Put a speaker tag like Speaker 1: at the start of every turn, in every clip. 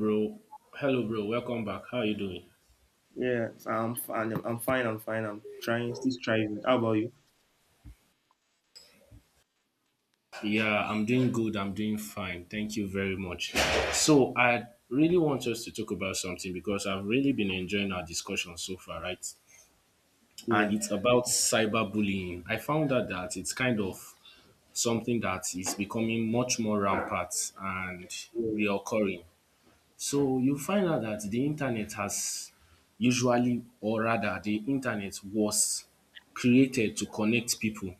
Speaker 1: Bro, hello, bro. Welcome back. How are you doing?
Speaker 2: Yeah, so I'm fine. I'm fine. I'm fine. I'm trying, still striving. How about you?
Speaker 1: Yeah, I'm doing good. I'm doing fine. Thank you very much. So, I really want us to talk about something because I've really been enjoying our discussion so far, right?
Speaker 2: Yeah.
Speaker 1: And it's about cyberbullying. I found out that it's kind of something that is becoming much more rampant and reoccurring. So, you find out that the internet has usually, or rather, the internet was created to connect people,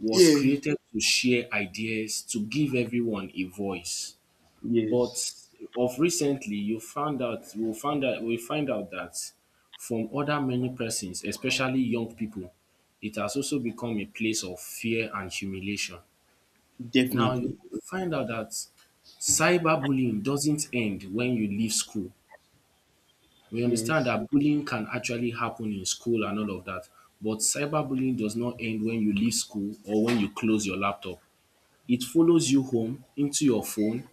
Speaker 1: was
Speaker 2: Yeah.
Speaker 1: created to share ideas, to give everyone a voice. But
Speaker 2: Yes.
Speaker 1: of recently, you found out, we find out that from other many persons, especially young people, it has also become a place of fear and humiliation. Now you
Speaker 2: Definitely.
Speaker 1: find out that cyberbullying doesn't end when you leave school. We understand
Speaker 2: Yes.
Speaker 1: that bullying can actually happen in school and all of that, but cyberbullying does not end when you leave school or when you close your laptop. It follows you home, into your phone,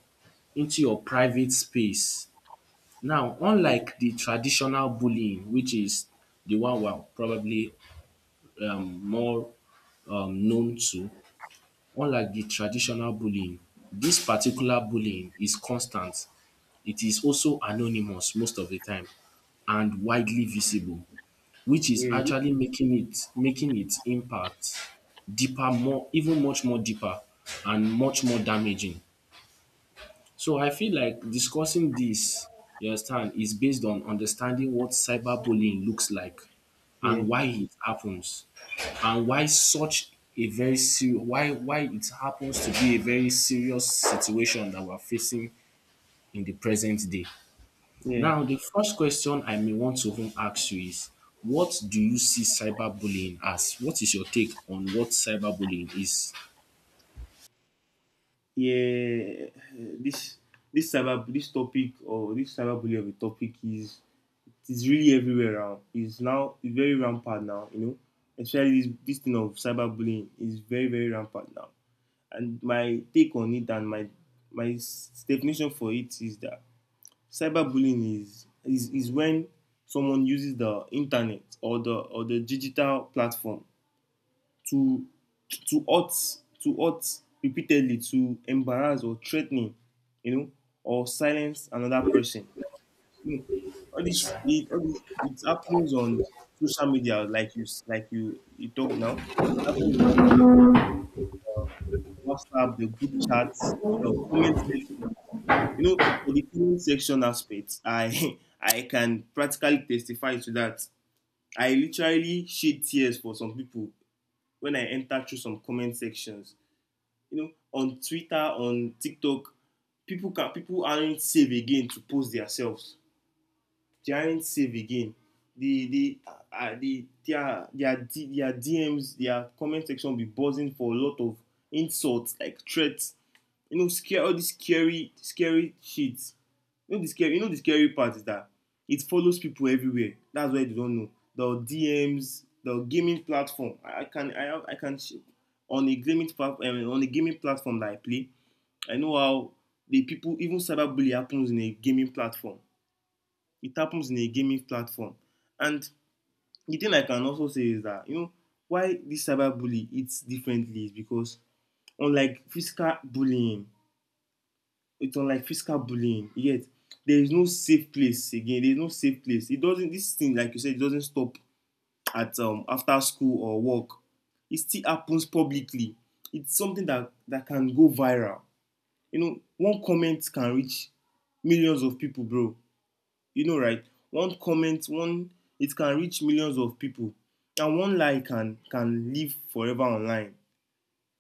Speaker 1: into your private space. Now,
Speaker 2: Yeah.
Speaker 1: unlike the traditional bullying which is the one we are probably more known to, unlike the traditional bullying, this particular bullying is constant. It is also anonymous most of the time and widely visible, which is actually making its impact deeper, more even much more deeper and much more damaging. So I feel like discussing this, you understand, is based on understanding what cyberbullying looks like
Speaker 2: Yeah.
Speaker 1: and why it happens, and why such a very serious why it happens to be a very serious situation that we're facing in the present day.
Speaker 2: Yeah.
Speaker 1: Now the first question I may want to even ask you is, what do you see cyberbullying as? What is your take on what cyberbullying is?
Speaker 2: Yeah. This this topic, or this cyberbullying of a topic, is really everywhere now. It's very rampant now. You know, especially this thing of cyberbullying is very, very rampant now. And my take on it, and my definition for it, is that cyberbullying is when someone uses the internet, or the, digital platform, to to hurt to hurt repeatedly, to embarrass, or threatening, you know, or silence another person. You know, it happens on social media, like you talk now. It happens WhatsApp, the group chats, the comment section. You know, for the comment section aspect, I I can practically testify to that. I literally shed tears for some people when I enter through some comment sections. You know, on Twitter, on TikTok, people aren't safe again to post themselves. They aren't safe again. The their D- their DMs, their comment section, will be buzzing for a lot of insults, like threats. You know, scare, all these scary, scary shit. You know, the scary part is that it follows people everywhere. That's why they don't know. The DMs, the gaming platform. I can On a gaming platform, that I play, I know how the people, even cyberbullying, happens in a gaming platform. it happens in a gaming platform and the thing I can also say is that, you know, why this cyberbully it's differently, is because, unlike physical bullying, yet, there is no safe place again. There is no safe place It doesn't, this thing, like you said, it doesn't stop at, after school or work. It still happens publicly. It's something that can go viral. You know, one comment can reach millions of people, bro. You know, right, one comment, one it can reach millions of people. And one lie can live forever online.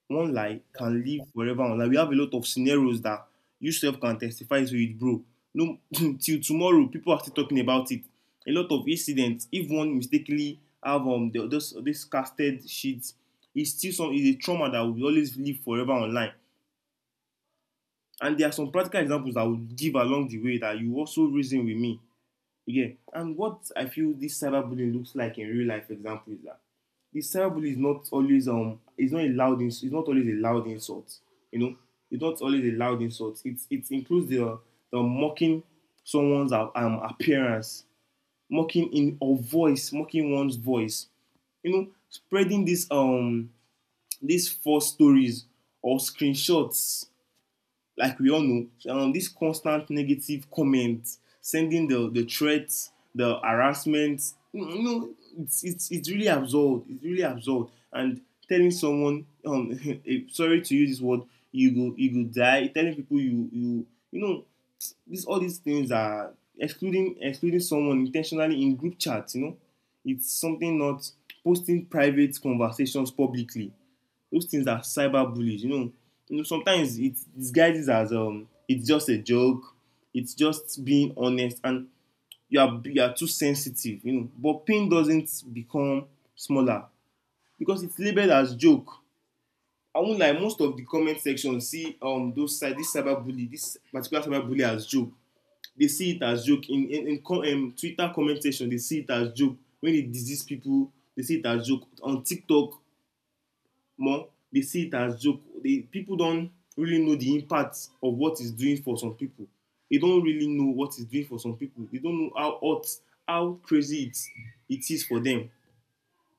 Speaker 2: One lie can live forever online. We have a lot of scenarios that you self can testify to it, bro. No, till tomorrow, people are still talking about it. A lot of incidents, if one mistakenly have, the, this casted sheets, it's still, some, is a trauma that will always live forever online. And there are some practical examples I would give along the way that you also reason with me. Yeah, and what I feel this cyberbullying looks like in real life, example, is that this cyberbullying is not always, it's not always a loud insult. You know, it's not always a loud insult. It includes the, mocking someone's, appearance, mocking in or voice, mocking one's voice. You know, spreading this, these false stories or screenshots, like we all know. This constant negative comment, sending the, threats, the harassment. You know, it's really absurd. It's really absurd. And telling someone, sorry to use this word, you go die. Telling people, you know, this all these things are, excluding someone intentionally in group chats. You know, it's something, not posting private conversations publicly. Those things are cyber bullies, you know. You know, sometimes it disguises as, it's just a joke, it's just being honest, and you are too sensitive, you know. But pain doesn't become smaller because it's labeled as joke. I won't lie, most of the comment section see, this cyber bully, this particular cyber bully as joke. They see it as joke in Twitter comment section. They see it as joke when they disease people. They see it as joke on TikTok more dey see it as joke dey people don really know the impact of what it's doing for some people. They don really know what it's doing for some people. They don't know how hot, how crazy it is for them.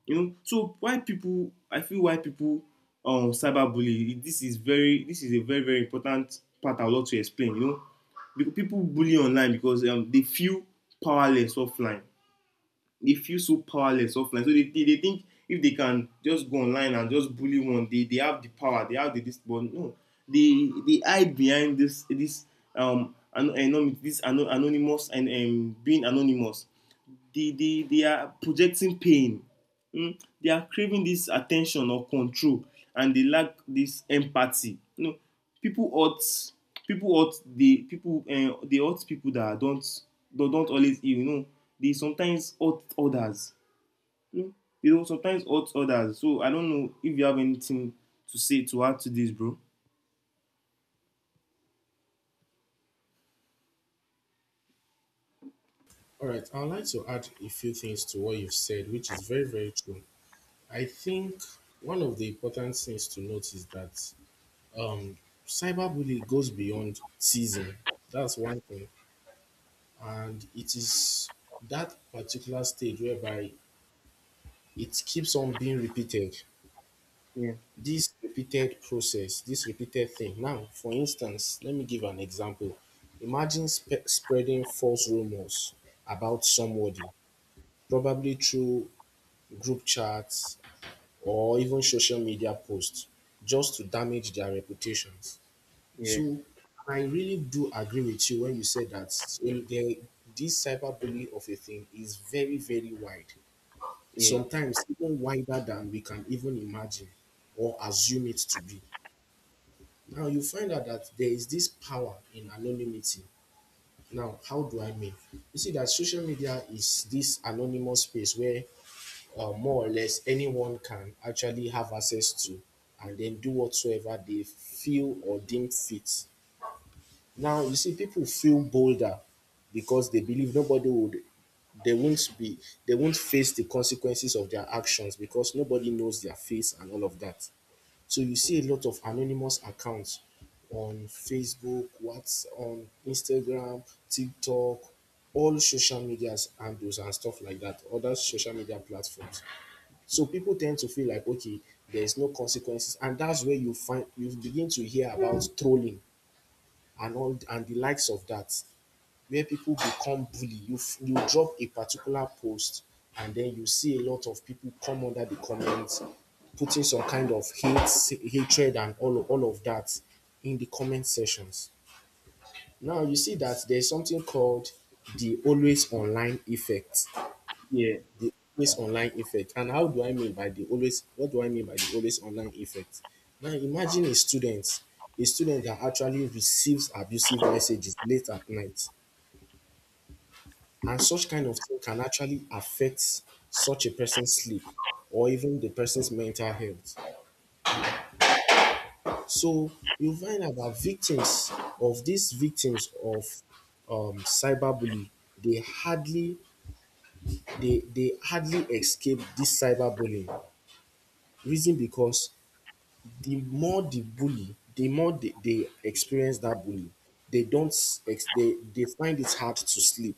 Speaker 2: You know. So, why people, I feel, why people, cyber bullying, this is very, this is a very, very important part I would love to explain. You know, people bully online because, they feel powerless offline. They feel so powerless offline. So they, they, think if they can just go online and just bully one, they, have the power, they have the, this, but no, they hide behind this, this anonymous, and being anonymous. They, they are projecting pain. They are craving this attention or control, and they lack this empathy, you know. People ought. People ought, the people, they hurt people that don't, that don't always, you know, they sometimes ought others, you know, they don't sometimes ought others. So I don't know if you have anything to say, to add to this, bro.
Speaker 1: All right, I'd like to add a few things to what you've said, which is very, very true. I think one of the important things to note is that um, cyberbullying goes beyond teasing. That's one thing. And it is that particular stage whereby it keeps on being repeated.
Speaker 2: Yeah.
Speaker 1: This repeated process, this repeated thing. Now, for instance, let me give an example. Imagine spreading false rumors about somebody, probably groups or even social media posts, just to damage their reputations.
Speaker 2: Yeah.
Speaker 1: So, I really do agree with you when you said that in the, this cyberbullying of a thing is very, very wide.
Speaker 2: Yeah.
Speaker 1: Sometimes even wider than we can even imagine or assume it to be. Now, you find out that there is this power in anonymity. Now, how do I mean? You see that social media is this anonymous space where more or less anyone can actually have access to and then do whatsoever they feel or deem fit. Now, you see, people feel bolder because they believe nobody would, they won't be, they won't face the consequences of their actions because nobody knows their face and all of that. So you see a lot of anonymous accounts on Facebook, what's on Instagram, TikTok, all social medias handles and stuff like that, other social media platforms. So people tend to feel like, okay, there's no consequences, and that's where you find you begin to hear about trolling and all and the likes of that, where people become bully. You drop a particular post, and then you see a lot of people come under the comments, putting some kind of hate, hatred, and all of that in the comment sections. Now you see that there's something called the always online effect.
Speaker 2: Yeah.
Speaker 1: The always online effect. And how do I mean by the always? What do I mean by the always online effect? Now imagine a student. A student that actually receives abusive messages late at night. And such kind of thing can actually affect such a person's sleep or even the person's mental health. So you find out that victims of cyberbullying, they hardly they hardly escape this cyberbullying. Reason because the more the bully, the more they experience that bully, they don't ex- they find it hard to sleep,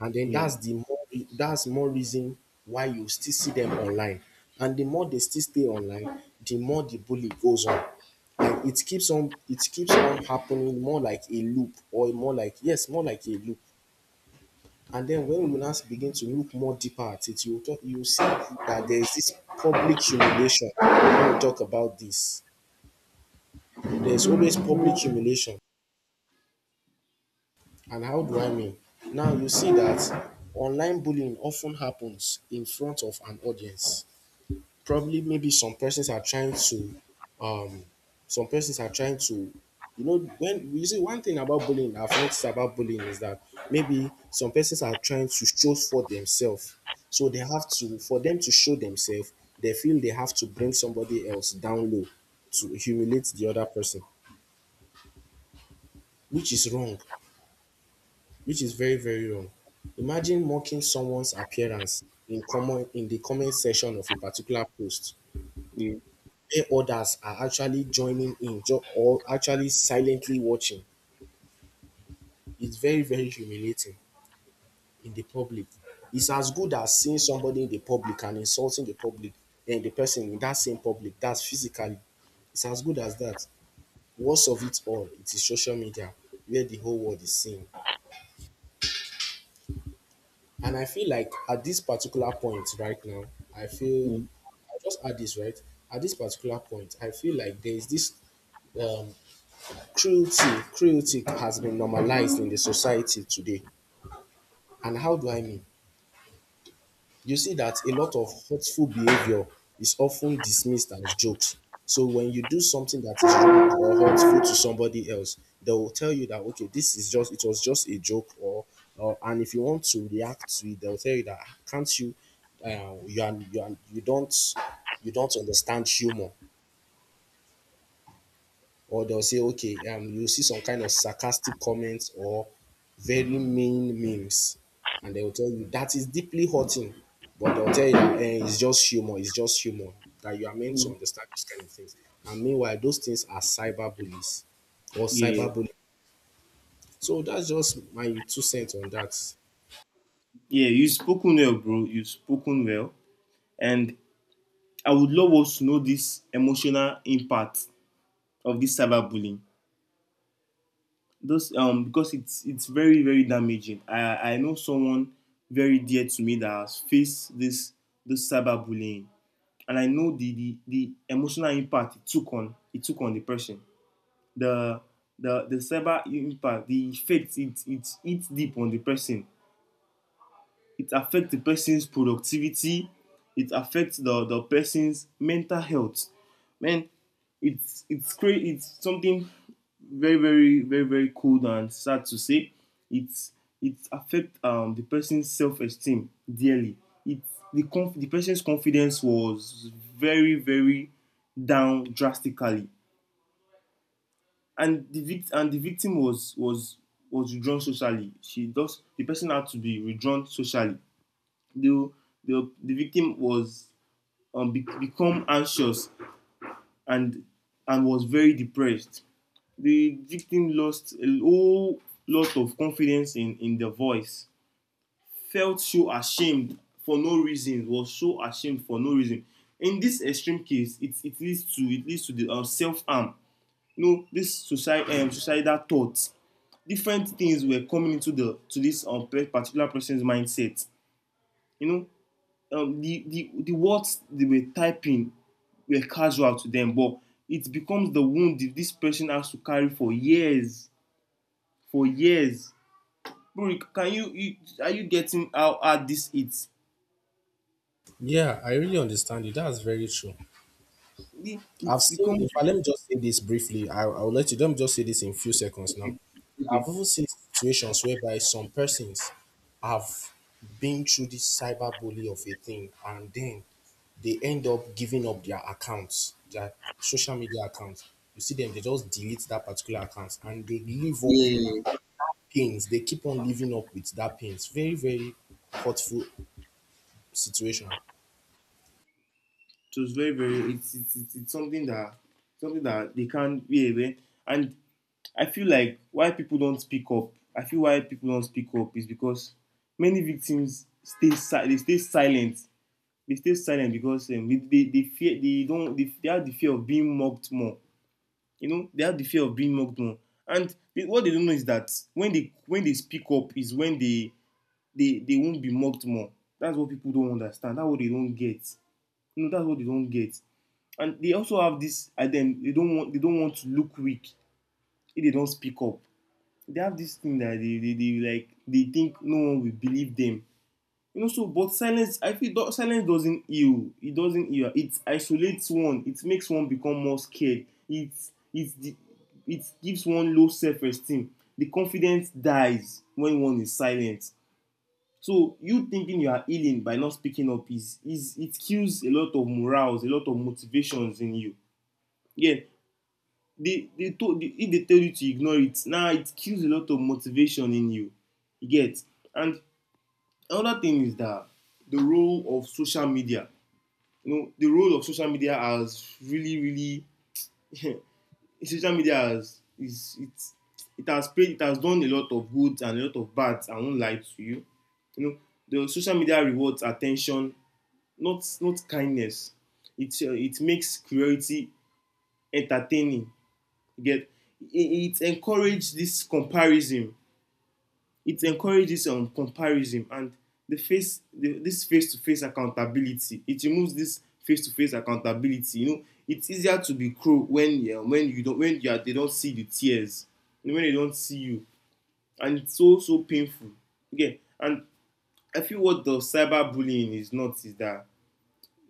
Speaker 1: and then
Speaker 2: Yeah.
Speaker 1: that's the more, that's more reason why you still see them online, and the more they still stay online the more the bully goes on. Like it keeps on happening, more like a loop, or more like, yes, more like a loop. And then when you now begin to look more deeper at it, you talk, you see that there is this public humiliation. When we talk about this, there's always public humiliation. And how do I mean? Now you see that online bullying often happens in front of an audience. Probably maybe some persons are trying to um some persons are trying to you know, when you see one thing about bullying, I've noticed about bullying is that maybe some persons are trying to show for themselves. So they have to, for them to show themselves, they feel they have to bring somebody else down low, to humiliate the other person, which is wrong, which is very, very wrong. Imagine mocking someone's appearance in the comment section of a particular post
Speaker 2: Yeah.
Speaker 1: where others are actually or actually silently watching. It's very, very humiliating in the public. It's as good as seeing somebody in the public and insulting the public, then the person in that same public, that's physically, it's as good as that. Worst of it all, it is social media, where the whole world is seeing. And I feel like at this particular point right now, I feel I just add this, right? At this particular point I feel like there is this um, cruelty, cruelty has been normalized in the society today. And how do I mean? You see that a lot of hurtful behavior is often dismissed as jokes. So when you do something that is rude or hurtful to somebody else, they will tell you that, okay, this is just it was just a joke, or and if you want to react to it, they'll tell you that, "Ah, can't you, you are, you are, you don't understand humor." Or they'll say, okay, you'll see some kind of sarcastic comments or very mean memes, and they will tell you that is deeply hurting. But they'll tell you that, eh, it's just humor, that you are meant to
Speaker 2: Yeah.
Speaker 1: understand those kind of things. And meanwhile, those things are cyberbullies or
Speaker 2: Yeah.
Speaker 1: cyberbullying. So that's just my two cents on that.
Speaker 2: Yeah. You've spoken well, bro. You've spoken well. And I would love us to know this emotional impact of this cyberbullying. Those Because it's very, very damaging. I know someone very dear to me that has faced this cyberbullying, and I know the, emotional impact it took on the person. The the cyber impact, the effect, it hits deep on the person. It affects the person's productivity. It affects the, person's mental health. Man, it's crazy. It's something very, very, very, very cold and sad to say. It's it affects, the person's self-esteem, dearly. it the person's confidence was very, very down, drastically. And the victim was, was withdrawn socially. She does The person had to be withdrawn socially. The, the victim was, become anxious, and was very depressed. The victim lost a whole lot of confidence in, their voice, felt so ashamed for no reason, was so ashamed for no reason. In this extreme case, it, it leads to the, self harm. You know, this society, societal thoughts, different things were coming into the, to this, particular person's mindset. You know, the, the, words they were typing were casual to them, but it becomes the wound that this person has to carry for years. For years. Bro, can you, are you getting how hard this is?
Speaker 1: Yeah, I really understand you. That's very true.
Speaker 2: It,
Speaker 1: I've
Speaker 2: it
Speaker 1: seen,
Speaker 2: becomes.
Speaker 1: in fact, let me just say this briefly. I, I'll let you, let me just say this in few seconds now.
Speaker 2: Okay. Okay.
Speaker 1: I've also seen situations whereby some persons have been through this cyberbully of a thing, and then they end up giving up their accounts, their social media accounts. You see them, they just delete that particular account and they live up
Speaker 2: Yeah, yeah, yeah.
Speaker 1: pains. They keep on living up with that pains. Very, very hurtful situation.
Speaker 2: It was very, very, it's something that, they can't. Yeah, man. And I feel like, why people don't speak up. I feel, why people don't speak up, is because many victims They stay silent because, they, fear, they don't, they, have the fear of being mocked more. You know, they have the fear of being mocked more. And they, what they don't know is that when they, speak up is when they, they won't be mocked more. That's what people don't understand. That's what they don't get. You know, that's what they don't get. And they also have this idea, they don't want, to look weak if they don't speak up. They have this thing that they like they think no one will believe them. So but silence, I feel, silence doesn't heal. It doesn't heal. It isolates one. It makes one become more scared. It it the it gives one low self-esteem. The confidence dies when one is silent. So you thinking you are healing by not speaking up is it kills a lot of morals, a lot of motivations in you. Yeah. They told they If they tell you to ignore it now, nah, it kills a lot of motivation in you. You get? And another thing is that the role of social media, you know the role of social media has really really social media has is it's it has done a lot of good and a lot of bad. I won't lie to you you know The social media rewards attention, not kindness. It, it makes cruelty entertaining. You get? It encourage this comparison. It encourages comparison. And the face, this face-to-face accountability — it removes this face-to-face accountability. You know, it's easier to be cruel when, yeah, when you don't when you are, they don't see the tears. When they don't see you. And it's so so painful. Okay. And I feel what the cyberbullying is not is that,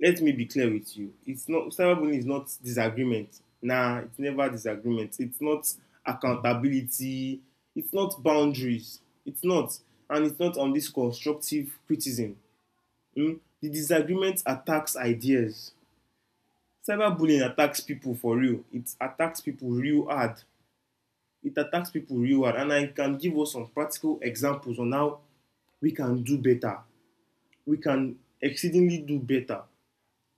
Speaker 2: let me be clear with you, it's not — cyberbullying is not disagreement. Nah, it's never disagreement. It's not accountability. It's not boundaries. It's not — and it's not on this constructive criticism. Mm? The disagreement attacks ideas. Cyberbullying attacks people for real. It attacks people real hard. It attacks people real hard. And I can give us some practical examples on how we can do better. We can exceedingly do better.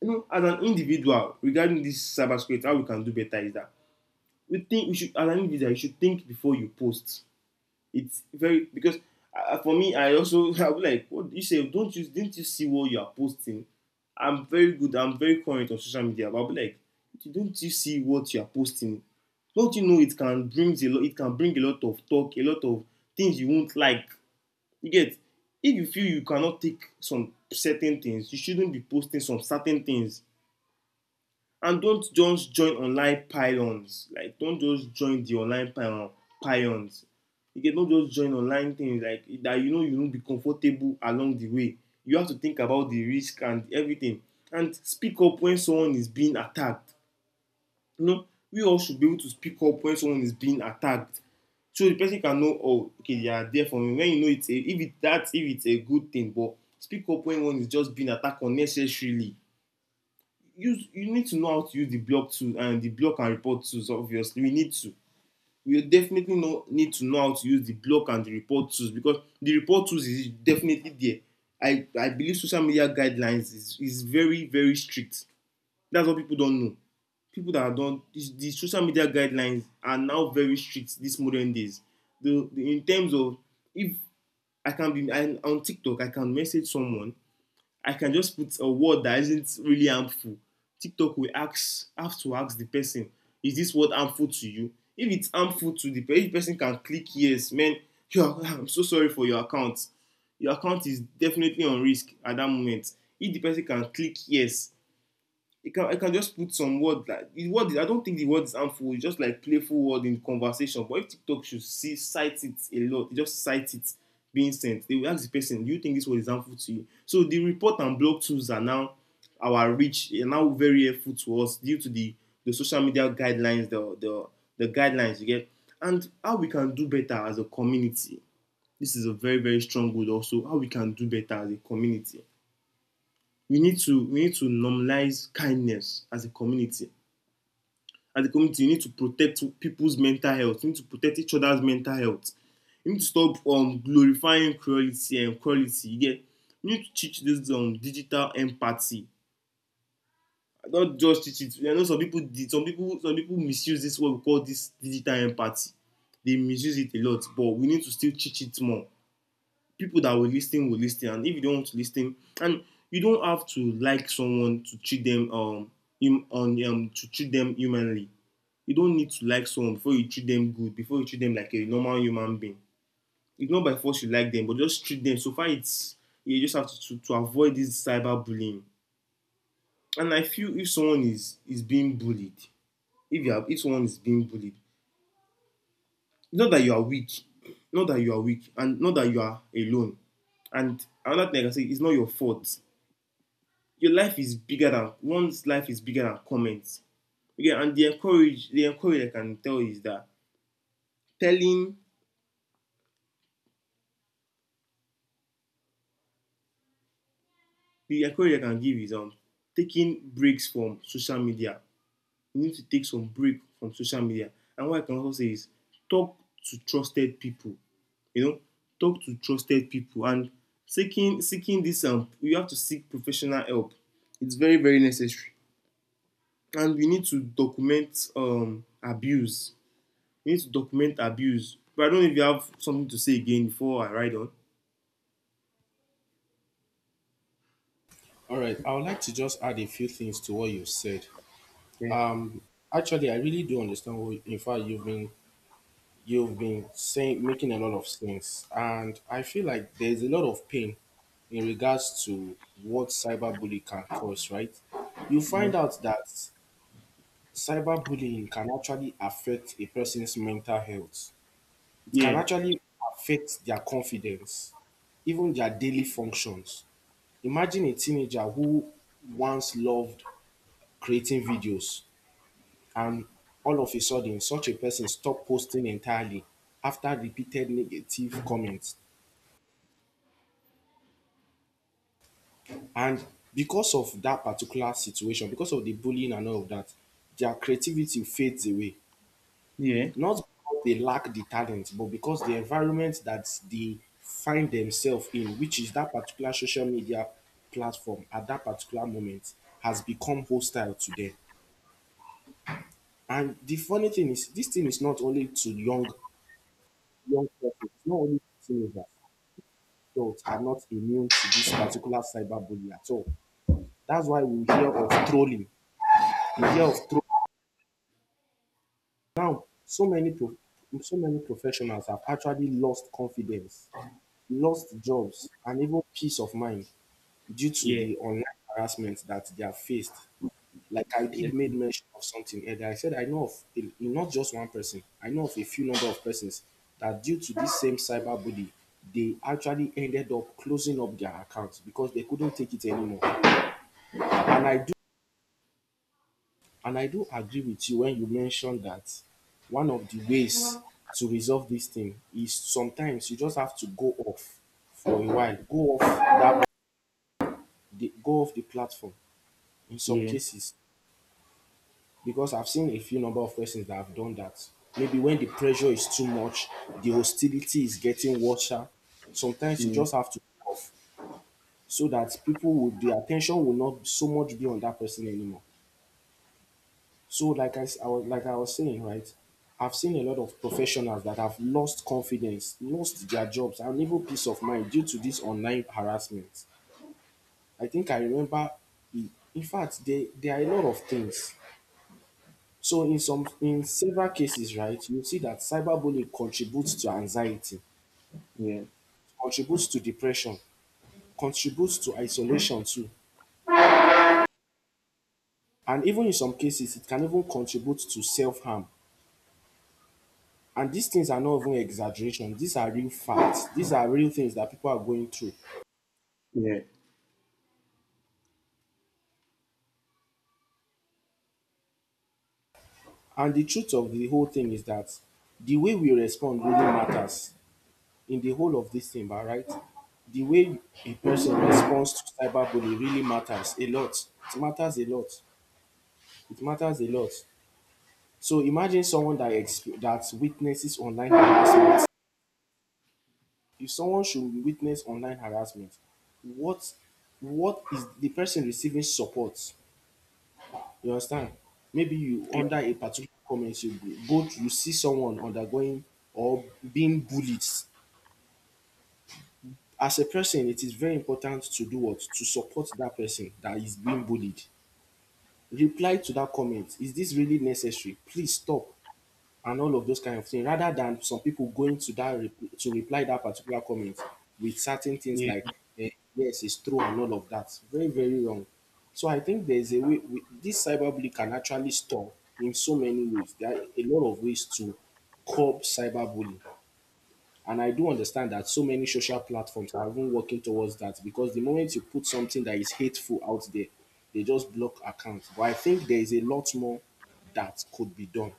Speaker 2: You know, as an individual regarding this cybersecurity, how we can do better is that we think we should, as an individual, you should think before you post. It's very because, for me, I also I was like, what you say? Don't you didn't you see what you are posting? I'm very good. I'm very current on social media, but I'll be like, don't you see what you are posting? Don't you know it can bring a lot? It can bring a lot of talk, a lot of things you won't like. You get? If you feel you cannot take some certain things, you shouldn't be posting some certain things. And don't just join online pylons. Like, don't just join the online pylons. You get? Not just join online things like that. You know, you won't be comfortable along the way. You have to think about the risk and everything. And speak up when someone is being attacked. You know, we all should be able to speak up when someone is being attacked. So the person can know, oh, okay, they are there for me. When you know it's a, if it, that's if it's a good thing, but speak up when one is just being attacked unnecessarily. Use — you need to know how to use the block tool and the block and report tools. Obviously we need to — we definitely know, need to know how to use the block and the report tools because the report tools is definitely there. I believe social media guidelines is very very strict. That's what people don't know. People that don't — the, social media guidelines are now very strict these modern days. The in terms of if I can be — I, on TikTok, I can message someone. I can just put a word that isn't really harmful. TikTok will ask, have to ask the person, is this word harmful to you? If it's harmful to the person, if the person can click yes, man, yeah, I'm so sorry for your account. Your account is definitely on risk at that moment. If the person can click yes, I can just put some word like the word — I don't think the word is harmful. It's just like playful word in conversation. But if TikTok should see cite it a lot, just cite it being sent. They will ask the person, "Do you think this word is harmful to you?" So the report and block tools are now our reach — are now very helpful to us due to the — the social media guidelines, the guidelines. You get? And how we can do better as a community. This is a very very strong goal also. How we can do better as a community. We need to normalize kindness as a community. As a community, we need to protect people's mental health. We need to protect each other's mental health. We need to stop glorifying cruelty and cruelty. You get? We need to teach this digital empathy. Not just teach it. I know some people did. Some people misuse this what we call this digital empathy. They misuse it a lot, but we need to still teach it more. People that will listen will listen. And if you don't want to listen and — you don't have to like someone to treat them hum, on to treat them humanly. You don't need to like someone before you treat them good, before you treat them like a normal human being. It's not by force you like them, but just treat them. So far it's — you just have to avoid this cyberbullying. And I feel if someone is being bullied — if you have — if someone is being bullied, not that you are weak, not that you are weak, and not that you are alone. And another thing I can say, it's not your fault. Your life is bigger than — one's life is bigger than comments. Okay, and the encourage — I can tell is that telling — the encourage I can give is, taking breaks from social media. You need to take some break from social media. And what I can also say is talk to trusted people. You know, talk to trusted people, and seeking this you have to seek professional help. It's very very necessary. And we need to document abuse. We need to document abuse. But I don't know if you have something to say again before I ride on.
Speaker 1: All right, I would like to just add a few things to what you said.
Speaker 2: Yeah.
Speaker 1: Actually, I really do understand what, in fact, you've been saying, making a lot of sense. And I feel like there's a lot of pain in regards to what cyberbullying can cause, right? You
Speaker 2: Yeah.
Speaker 1: find out that cyberbullying can actually affect a person's mental health. It can
Speaker 2: Yeah.
Speaker 1: actually affect their confidence, even their daily functions. Imagine a teenager who once loved creating videos, and all of a sudden, such a person stopped posting entirely after repeated negative comments. And because of that particular situation, because of the bullying and all of that, their creativity fades away.
Speaker 2: Yeah.
Speaker 1: Not because they lack the talent, but because the environment that they find themselves in, which is that particular social media platform at that particular moment, has become hostile to them. And the funny thing is, this thing is not only to young people, it's not only to teenagers. Adults are not immune to this particular cyberbullying at all. That's why we hear of trolling. We hear of trolling. Now, so many professionals have actually lost confidence, lost jobs, and even peace of mind due to
Speaker 2: Yeah.
Speaker 1: the online harassment that they have faced. Like I did made mention of something earlier. I said I know of a, not just one person. I know of a few number of persons that due to this same cyberbully, they actually ended up closing up their accounts because they couldn't take it anymore. And I do agree with you when you mention that one of the ways to resolve this thing is sometimes you just have to go off for a while, go off the platform in
Speaker 2: Yeah.
Speaker 1: some
Speaker 2: Yeah.
Speaker 1: cases, because I've seen a few number of persons that have done that. Maybe when the pressure is too much, the hostility is getting worse. Sometimes you
Speaker 2: Yeah.
Speaker 1: just have to go off so that people would the attention will not so much be on that person anymore. So, I was, like I was saying, right? I've seen a lot of professionals that have lost confidence, lost their jobs, and even peace of mind due to this online harassment. I think I remember, I- In fact, there are a lot of things. So, in several cases, right, you see that cyberbullying contributes to anxiety,
Speaker 2: Yeah.
Speaker 1: contributes to depression, contributes to isolation too, and even in some cases, it can even contribute to self harm. And these things are not even exaggeration. These are real facts. These are real things that people are going through.
Speaker 2: Yeah.
Speaker 1: And the truth of the whole thing is that the way we respond really matters in the whole of this thing, ba, right? The way a person responds to cyberbullying really matters a lot. It matters a lot. It matters a lot. So imagine that witnesses online harassment. If someone should witness online harassment, what what is the person receiving support? You understand? Maybe you under a particular comment you go to, you see someone undergoing or being bullied. As a person, it is very important to do what? To support that person that is being bullied. Reply to that comment. Is this really necessary? Please stop, and all of those kind of things rather than some people going to reply that particular comment with certain things
Speaker 2: Yeah.
Speaker 1: like eh, yes it's true and all of that. Very very wrong. So I think there's a way we, this cyberbullying can actually stop in so many ways. There are a lot of ways to curb cyberbullying, and I do understand that so many social platforms are even working towards that, because the moment you put something that is hateful out there, they just block accounts. But I think there is a lot more that could be done.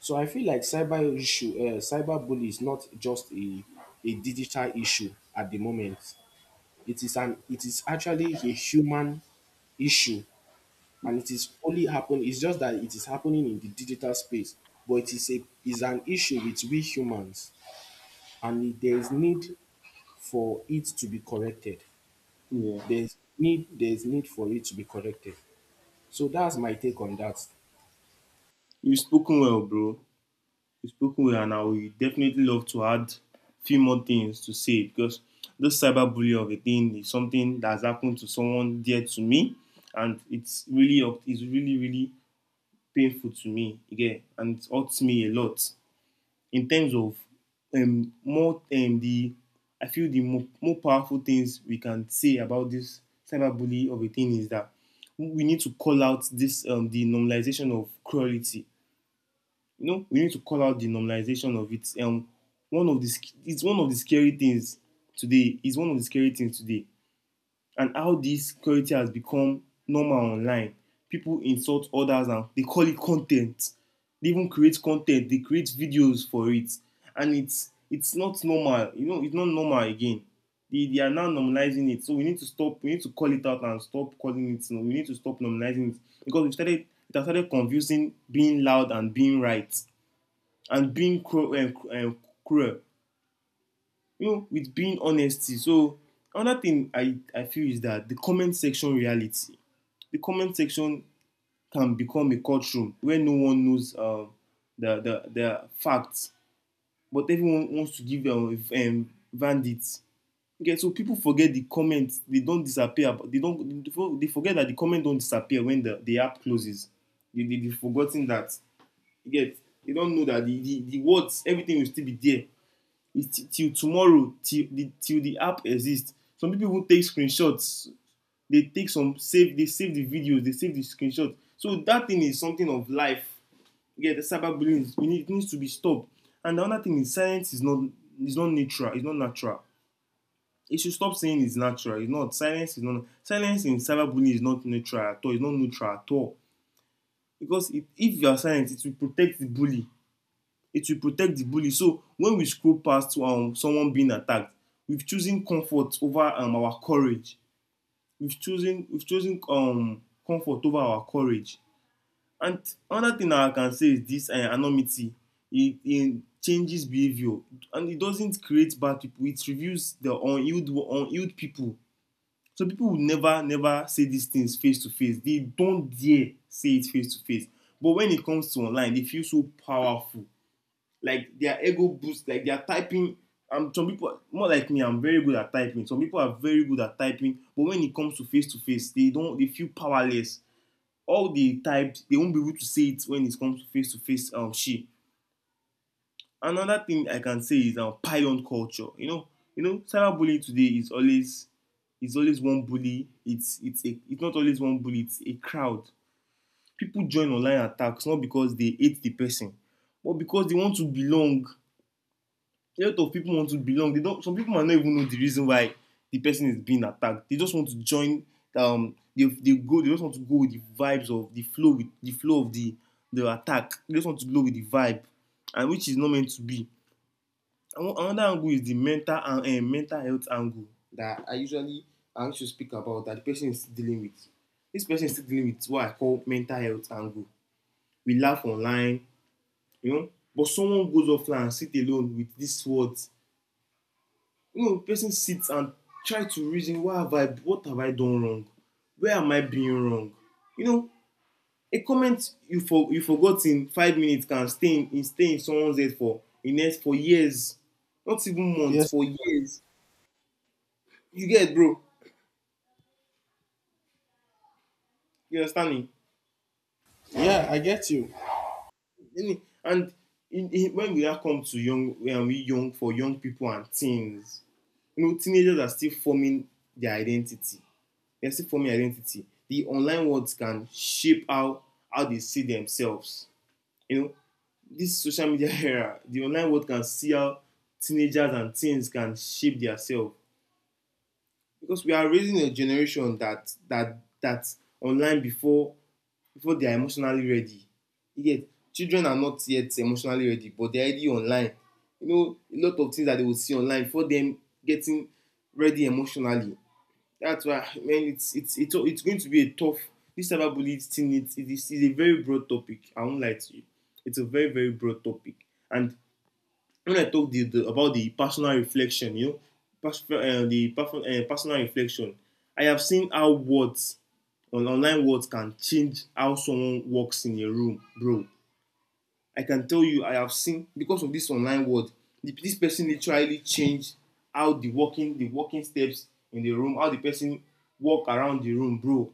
Speaker 1: So I feel like cyber bully is not a digital issue at the moment. It is an it is actually a human issue, and it is only happen. It's just that it is happening in the digital space, but it is a is an issue with we humans, and there is need for it to be corrected.
Speaker 2: Yeah.
Speaker 1: There's need for it to be corrected. So that's my take on that.
Speaker 2: You've spoken well, bro. You've spoken well, and I would definitely love to add few more things to say because this cyberbullying of a thing is something that's happened to someone dear to me, and it's really up. It's really really painful to me again, and it hurts me a lot. In terms of, more the I feel the more powerful things we can say about this cyberbully of a thing is that we need to call out this the normalization of cruelty. You know, we need to call out the normalization of it. One of the — it's one of the scary things today. It's one of the scary things today and how this security has become normal online. People insult others and they call it content. They even create content, they create videos for it. And it's not normal. You know, it's not normal again. They are now normalizing it. So we need to stop, we need to call it out and stop calling it. You — we need to stop normalizing it. Because we started — it has started confusing being loud and being right, and being cruel and cruel, you know, with being honesty. So another thing I feel is that the comment section reality. The comment section can become a courtroom where no one knows the, the facts, but everyone wants to give them bandits. Okay, so people forget the comments. They don't disappear. They don't. They forget that the comment don't disappear when the app closes. They they've forgotten that. You get. They don't know that the words, everything will still be there. It's till tomorrow, till the — till the app exists. Some people will take screenshots. They save the videos, they save the screenshot. So that thing is something of life. Yeah, the cyberbullying — we need — it needs to be stopped. And the other thing is silence is not — is not natural. It's not natural. It should stop saying it's natural. It's not — silence is not — silence in cyberbullying is not natural at all. It's not neutral at all. Because it — if you are silent, it will protect the bully. It will protect the bully. So when we scroll past someone being attacked, we've chosen comfort over our courage. We've chosen comfort over our courage. And another thing I can say is this, anonymity. It changes behavior, and it doesn't create bad people. It reveals the unhealed people. So people will never never say these things face to face. They don't dare say it face to face. But when it comes to online, they feel so powerful. Like their ego boost, like they are typing. Some people — more like me, I'm very good at typing. Some people are very good at typing, but when it comes to face, they don't — they feel powerless. All they typed, they won't be able to say it when it comes to face to face, she. Another thing I can say is pylon culture. Cyberbullying today is always — it's always one bully. It's not always one bully. It's a crowd. People join online attacks not because they hate the person, but because they want to belong. A lot of people want to belong. They don't, some people might not even know the reason why the person is being attacked. They just want to join. Um they they go they just want to go with the vibes of the flow, with the flow of the attack. They just want to go with the vibe, and which is not meant to be. And another angle is the mental and mental health angle that I used to speak about, that the person is still dealing with. This person is still dealing with what I call mental health angle. We laugh online, you know, but someone goes offline and sit alone with these words. You know, person sit and try to reason, why have I what have I done wrong? Where am I being wrong? You know, a comment you for you forgot in 5 minutes can stay in, stay in someone's head for the next, for years. Not even months,
Speaker 1: Yes,
Speaker 2: for years. You get, bro? You understand me?
Speaker 1: yeah, I get you.
Speaker 2: I mean, and when we now come to young when we young for young people and teens, you know, teenagers are still forming their identity. They're still forming identity. The online worlds can shape how they see themselves. You know, this social media era, the online world can see how teenagers and teens can shape themselves, because we are raising a generation that online before they are emotionally ready. Yet children are not yet emotionally ready, but they're already online. You know, a lot of things that they will see online before them getting ready emotionally. That's why, man. It's going to be a tough, this cyberbullying thing. It is a very broad topic. I won't lie to you. It's a very, very broad topic. And when I talk about the personal reflection, you know, personal reflection, I have seen how on online words can change how someone walks in a room, bro. I can tell you I have seen, because of this online world, this person literally changed how the walking steps in the room, how the person walk around the room, bro.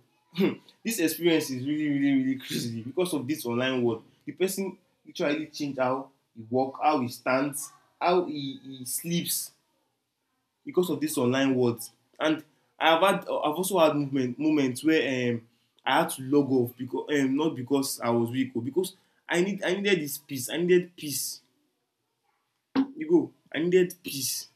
Speaker 2: This experience is really, really, really crazy because of this online world. The person literally changed how he walk, how he stands, how he sleeps, because of this online world. And I've also had movement moments where um, I had to log off because not because I was weak, but because I needed this peace. I needed peace. You go. I needed peace.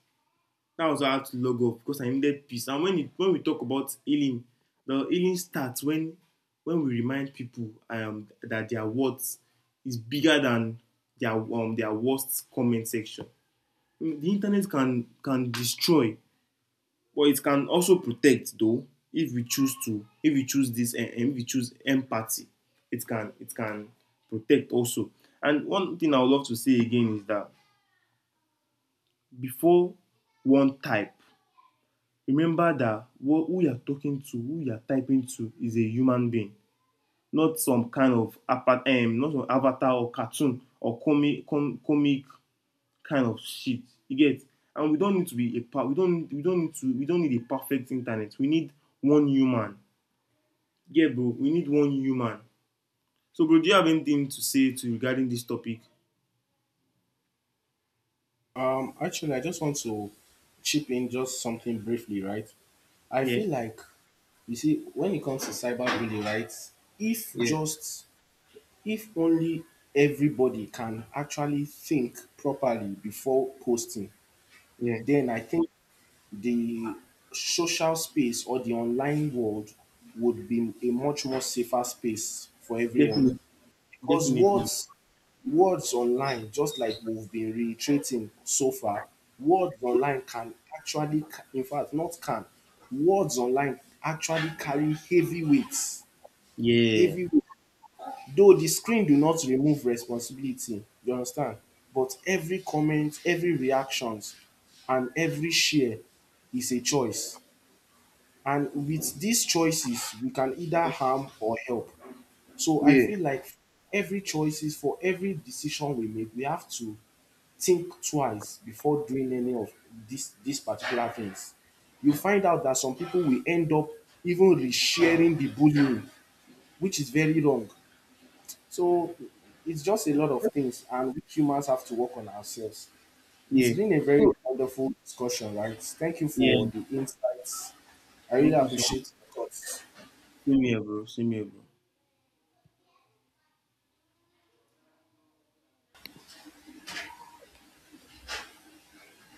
Speaker 2: That was why I had to log off, because I needed peace. And when when we talk about healing, the healing starts when we remind people that their words is bigger than their worst comment section. The internet can destroy, but it can also protect though. If we choose to, if we choose this and if we choose empathy, it can protect also. And one thing I would love to say again is that, before one type, remember that who you are talking to, who you are typing to, is a human being. Not some kind of not some avatar or cartoon or comic kind of shit. You get? And we don't need to be a pa- we don't need to we don't need a perfect internet. We need one human. Yeah, bro, we need one human. So, bro, do you have anything to say to regarding this topic?
Speaker 1: Actually, I just want to chip in just something briefly, right? I
Speaker 2: Yeah,
Speaker 1: feel like you see when it comes to cyberbullying, right? If
Speaker 2: yeah,
Speaker 1: just if only everybody can actually think properly before posting,
Speaker 2: yeah.
Speaker 1: then I think the social space or the online world would be a much more safer space for everyone.
Speaker 2: Definitely,
Speaker 1: Because
Speaker 2: definitely.
Speaker 1: words online, just like we've been reiterating so far, words online can in fact, not can, words online actually carry heavy weights.
Speaker 2: Yeah,
Speaker 1: Heavy weight. Though the screen do not remove responsibility, you understand? But every comment, every reactions, and every share is a choice. And with these choices, we can either harm or help. So I
Speaker 2: yeah,
Speaker 1: feel like every choices for every decision we make, we have to think twice before doing any of these particular things. You find out that some people will end up even resharing the bullying, which is very wrong. So it's just a lot of things, and we humans have to work on ourselves. It's
Speaker 2: yeah.
Speaker 1: been a very
Speaker 2: Bro,
Speaker 1: wonderful discussion, right? Thank you
Speaker 2: yeah.
Speaker 1: for the insights. I really
Speaker 2: Thank you so much.
Speaker 1: appreciate your thoughts.
Speaker 2: Same here, bro. Same here, bro.